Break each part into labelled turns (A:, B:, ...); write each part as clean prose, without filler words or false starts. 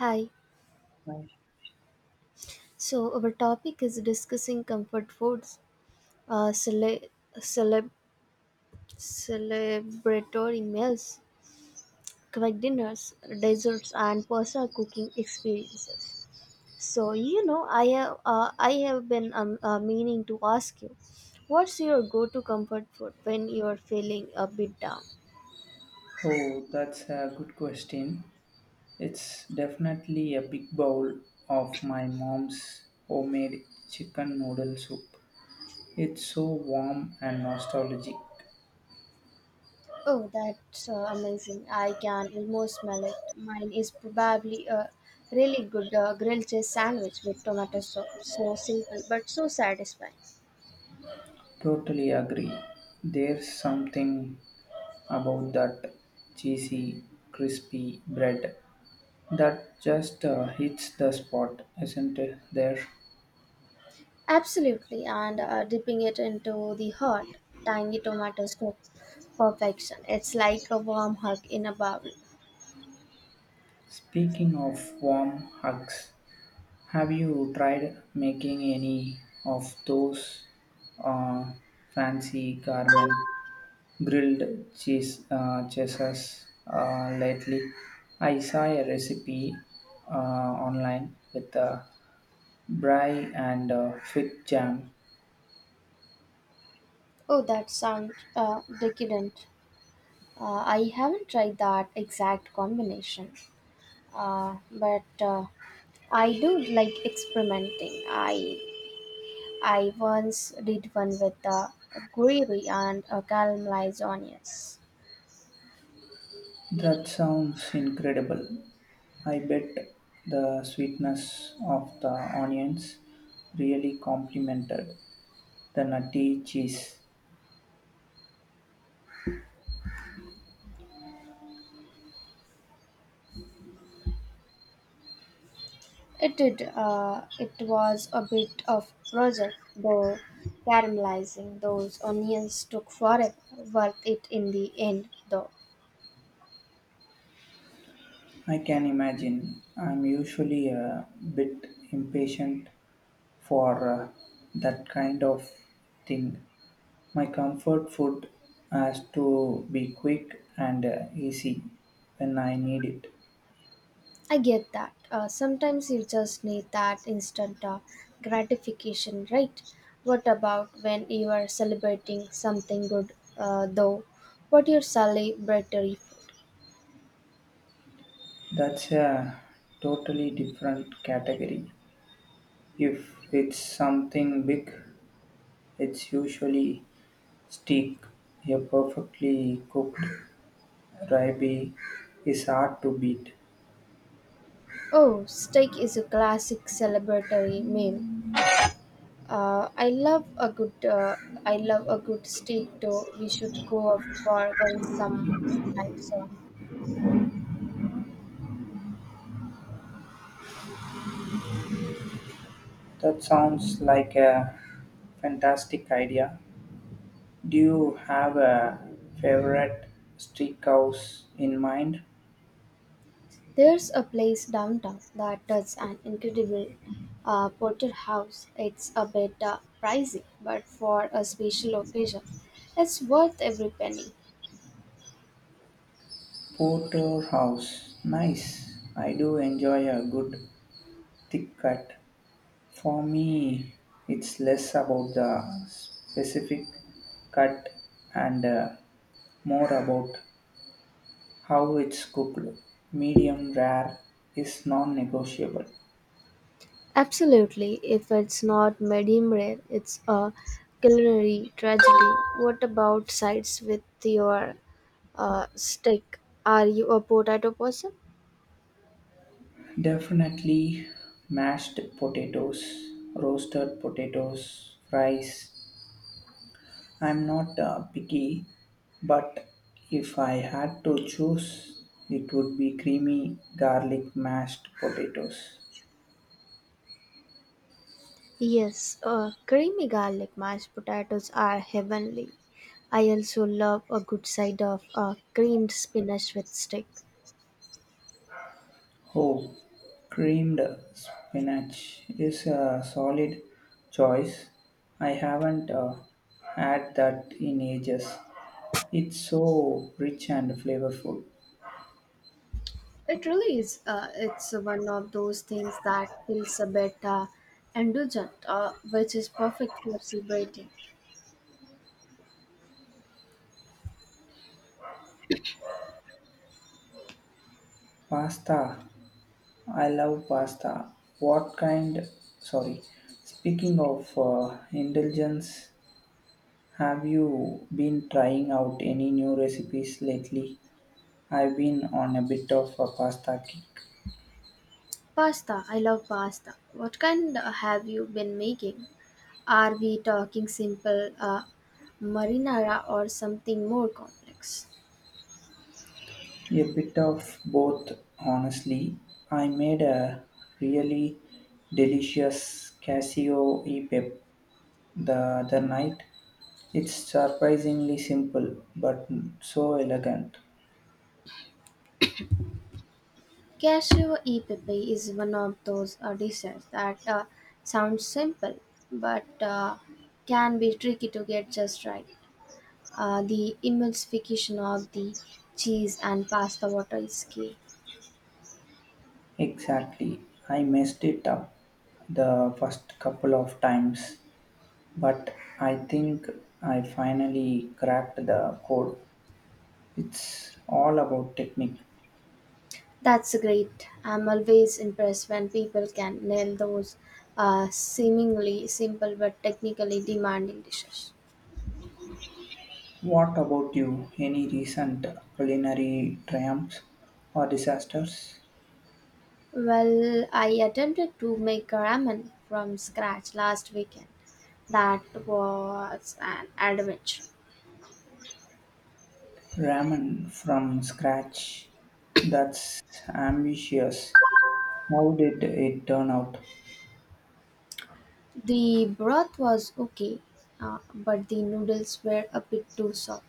A: Hi. So our topic is discussing comfort foods, uh, cele- celeb- celebratory meals, quick dinners, desserts, and personal cooking experiences. I have been meaning to ask you, what's your go-to comfort food when you are feeling a bit down?
B: Oh, that's a good question. It's definitely a big bowl of my mom's homemade chicken noodle soup. It's so warm and nostalgic.
A: Oh, that's amazing. I can almost smell it. Mine is probably a really good grilled cheese sandwich with tomato sauce. So simple, but so satisfying.
B: Totally agree. There's something about that cheesy, crispy bread that just hits the spot, isn't it? There.
A: Absolutely, and dipping it into the hot, tangy tomato soup. Perfection. It's like a warm hug in a bubble.
B: Speaking of warm hugs, have you tried making any of those uh, fancy garment grilled cheese cheeses lately? I saw a recipe uh, online with brie and fig jam.
A: Oh, that sounds decadent. I haven't tried that exact combination, but I do like experimenting. I once did one with gravy and caramelized onions.
B: That sounds incredible. I bet the sweetness of the onions really complemented the nutty cheese.
A: It did. It was a bit of project, though caramelizing those onions took forever. Worth it in the end, though.
B: I can imagine. I'm usually a bit impatient for that kind of thing. My comfort food has to be quick and easy when I need it.
A: I get that. Sometimes you just need that instant gratification, right? What about when you are celebrating something good, though? What your celebratory for?
B: That's a totally different category. If it's something big, it's usually steak. A perfectly cooked ribeye is hard to beat.
A: Oh, steak is a classic celebratory meal. I love a good steak. Though we should go out for one sometime soon.
B: That sounds like a fantastic idea. Do you have a favorite steakhouse in mind?
A: There's a place downtown that does an incredible porterhouse. It's a bit pricey, but for a special occasion, it's worth every penny.
B: Porterhouse. Nice. I do enjoy a good thick cut. For me, it's less about the specific cut and more about how it's cooked. Medium rare is non negotiable.
A: Absolutely. If it's not medium rare, it's a culinary tragedy. What about sides with your stick. Are you a potato person?
B: Definitely mashed potatoes, roasted potatoes, fries. I'm not picky, but if I had to choose, it would be creamy garlic mashed potatoes.
A: Yes, creamy garlic mashed potatoes are heavenly. I also love a good side of creamed spinach with steak.
B: Oh, creamed spinach is a solid choice. I haven't had that in ages. It's so rich and flavorful.
A: It really is. It's one of those things that feels a bit indulgent, which is perfect for celebrating.
B: Pasta I love pasta. What kind? Sorry. Speaking of indulgence, have you been trying out any new recipes lately? I've been on a bit of a pasta kick.
A: Pasta. I love pasta. What kind have you been making? Are we talking simple marinara or something more complex?
B: A bit of both, honestly. I made a really delicious casio e pep the other night. It's surprisingly simple but so elegant.
A: Cashew e-pepe is one of those dishes that sounds simple but can be tricky to get just right. The emulsification of the cheese and pasta water is key.
B: Exactly. I messed it up the first couple of times, but I think I finally cracked the code. It's all about technique.
A: That's great. I'm always impressed when people can nail those seemingly simple but technically demanding dishes.
B: What about you? Any recent culinary triumphs or disasters?
A: Well, I attempted to make ramen from scratch last weekend. That was an adventure.
B: Ramen from scratch. That's ambitious. How did it turn out?
A: The broth was okay, but the noodles were a bit too soft.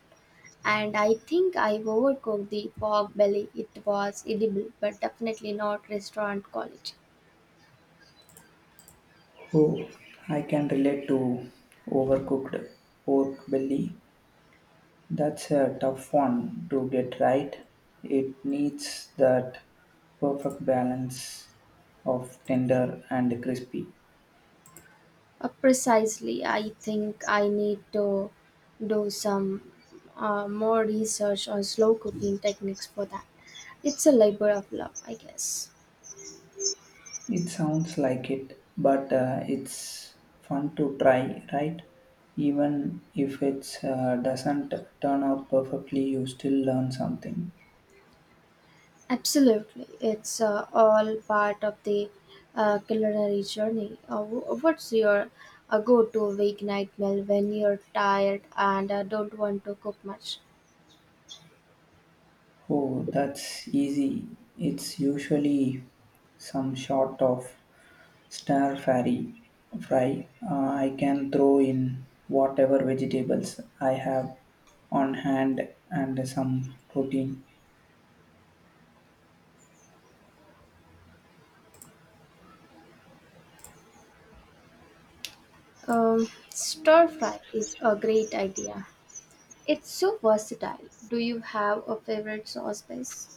A: And I think I overcooked the pork belly. It was edible, but definitely not restaurant quality.
B: Oh, I can relate to overcooked pork belly. That's a tough one to get right. It needs that perfect balance of tender and crispy.
A: Precisely, I think I need to do some more research on slow cooking techniques for that. It's a labor of love, I guess.
B: It sounds like it, but it's fun to try, right? Even if it doesn't turn out perfectly, you still learn something.
A: Absolutely, it's all part of the culinary journey. What's your go-to weeknight meal when you're tired and don't want to cook much?
B: Oh, that's easy. It's usually some sort of stir fry. I can throw in whatever vegetables I have on hand and some protein.
A: Stir fry is a great idea. It's so versatile. Do you have a favorite sauce base?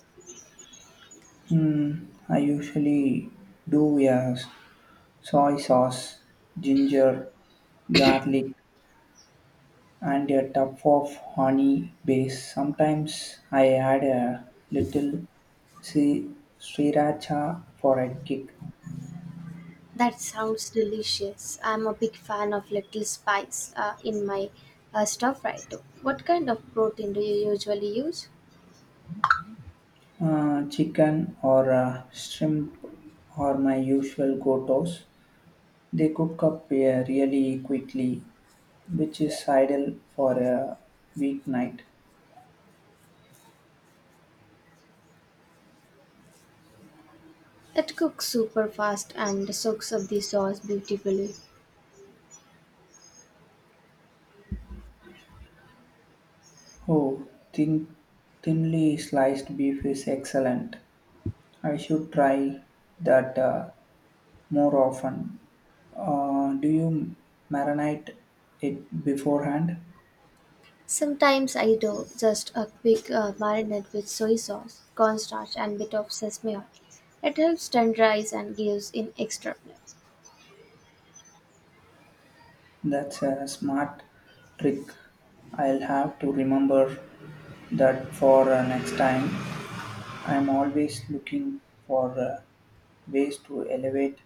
B: Hmm, I usually do a soy sauce, ginger, garlic, and a tub of honey base. Sometimes I add a little si- sriracha for a kick.
A: That sounds delicious. I'm a big fan of little spice in my stuff right too. What kind of protein do you usually use?
B: Chicken or shrimp are my usual go-tos. They cook up really quickly, which is ideal for a weeknight.
A: It cooks super fast and soaks up the sauce beautifully.
B: Oh, thinly sliced beef is excellent. I should try that more often. Do you marinate it beforehand?
A: Sometimes I do just a quick marinade with soy sauce, cornstarch, and bit of sesame oil. It helps tenderize and gives an extra flavor.
B: That's a smart trick. I'll have to remember that for next time. I'm always looking for ways to elevate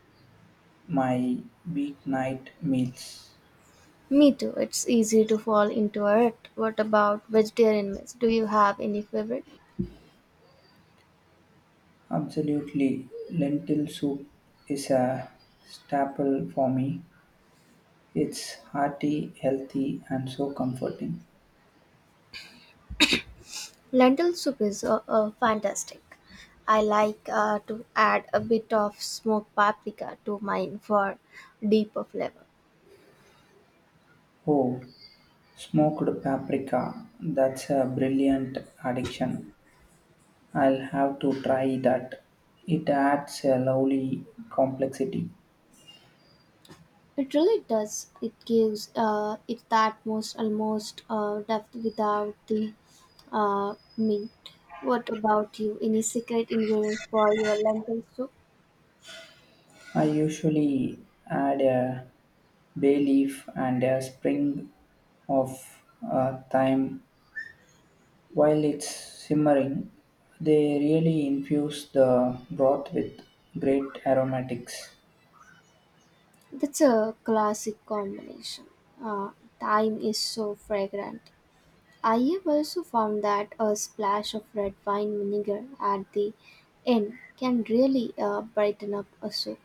B: my weeknight meals.
A: Me too. It's easy to fall into a rut. What about vegetarian meals? Do you have any favorite?
B: Absolutely, lentil soup is a staple for me. It's hearty, healthy, and so comforting.
A: Lentil soup is fantastic. I like to add a bit of smoked paprika to mine for deeper flavor.
B: Oh, smoked paprika. That's a brilliant addiction. I'll have to try that. It adds a lovely complexity.
A: It really does. It gives it that most almost depth without the mint. What about you? Any secret ingredient for your lentil soup?
B: I usually add a bay leaf and a spring of thyme while it's simmering. They really infuse the broth with great aromatics.
A: That's a classic combination. Uh, Thyme is so fragrant. I have also found that a splash of red wine vinegar at the end can really brighten up a soup.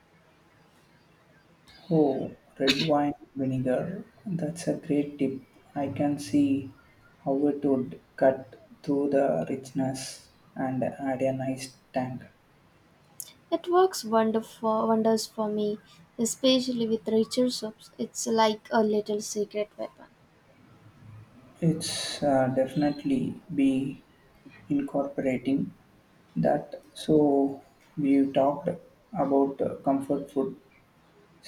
B: Oh, red wine vinegar. That's a great tip. I can see how it would cut through the richness and add a nice tang.
A: It works wonderful wonders for me, especially with richer soups. It's like a little secret weapon.
B: It's definitely be incorporating that. So we talked about comfort food,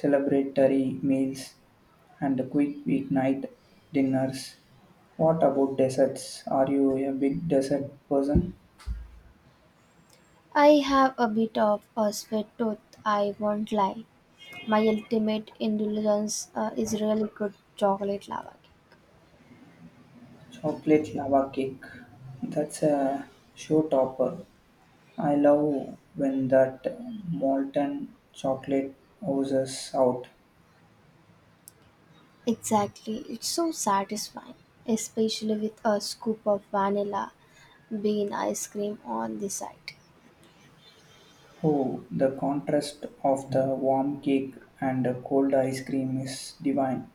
B: celebratory meals, and the quick weeknight dinners. What about desserts? Are you a big dessert person?
A: I have a bit of a sweet tooth, I won't lie. My ultimate indulgence is really good chocolate lava cake.
B: Chocolate lava cake. That's a showstopper. I love when that molten chocolate oozes out.
A: Exactly, it's so satisfying, especially with a scoop of vanilla bean ice cream on the side.
B: Oh, the contrast of the warm cake and the cold ice cream is divine.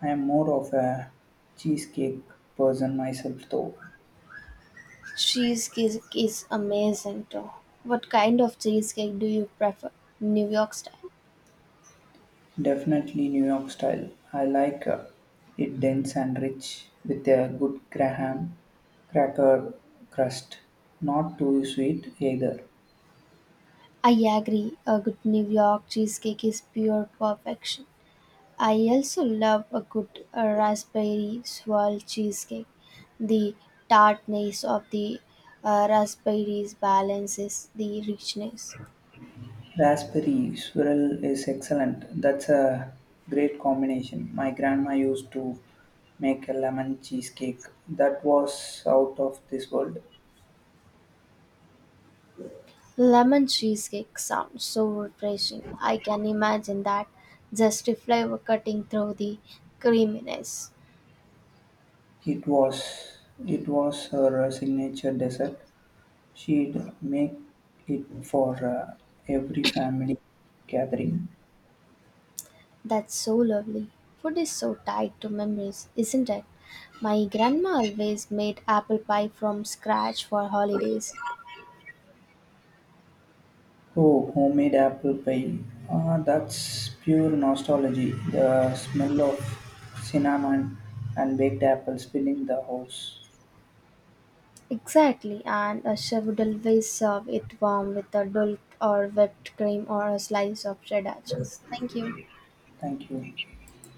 B: I am more of a cheesecake person myself, though.
A: Cheesecake is amazing too. What kind of cheesecake do you prefer? New York style?
B: Definitely New York style. I like it dense and rich with a good graham cracker crust. Not too sweet either.
A: I agree, a good New York cheesecake is pure perfection. I also love a good raspberry swirl cheesecake. The tartness of the raspberries balances the richness.
B: Raspberry swirl is excellent. That's a great combination. My grandma used to make a lemon cheesecake that was out of this world.
A: Lemon cheesecake sounds so refreshing. I can imagine that just a flavor cutting through the creaminess.
B: It was it was her signature dessert. She'd make it for every family gathering.
A: That's so lovely. Food is so tied to memories, isn't it? My grandma always made apple pie from scratch for holidays.
B: Oh, homemade apple pie. Ah, that's pure nostalgia. The smell of cinnamon and baked apples filling the house.
A: Exactly, and she would always serve it warm with a dollop or whipped cream or a slice of cheddar cheese. Thank you.
B: Thank you.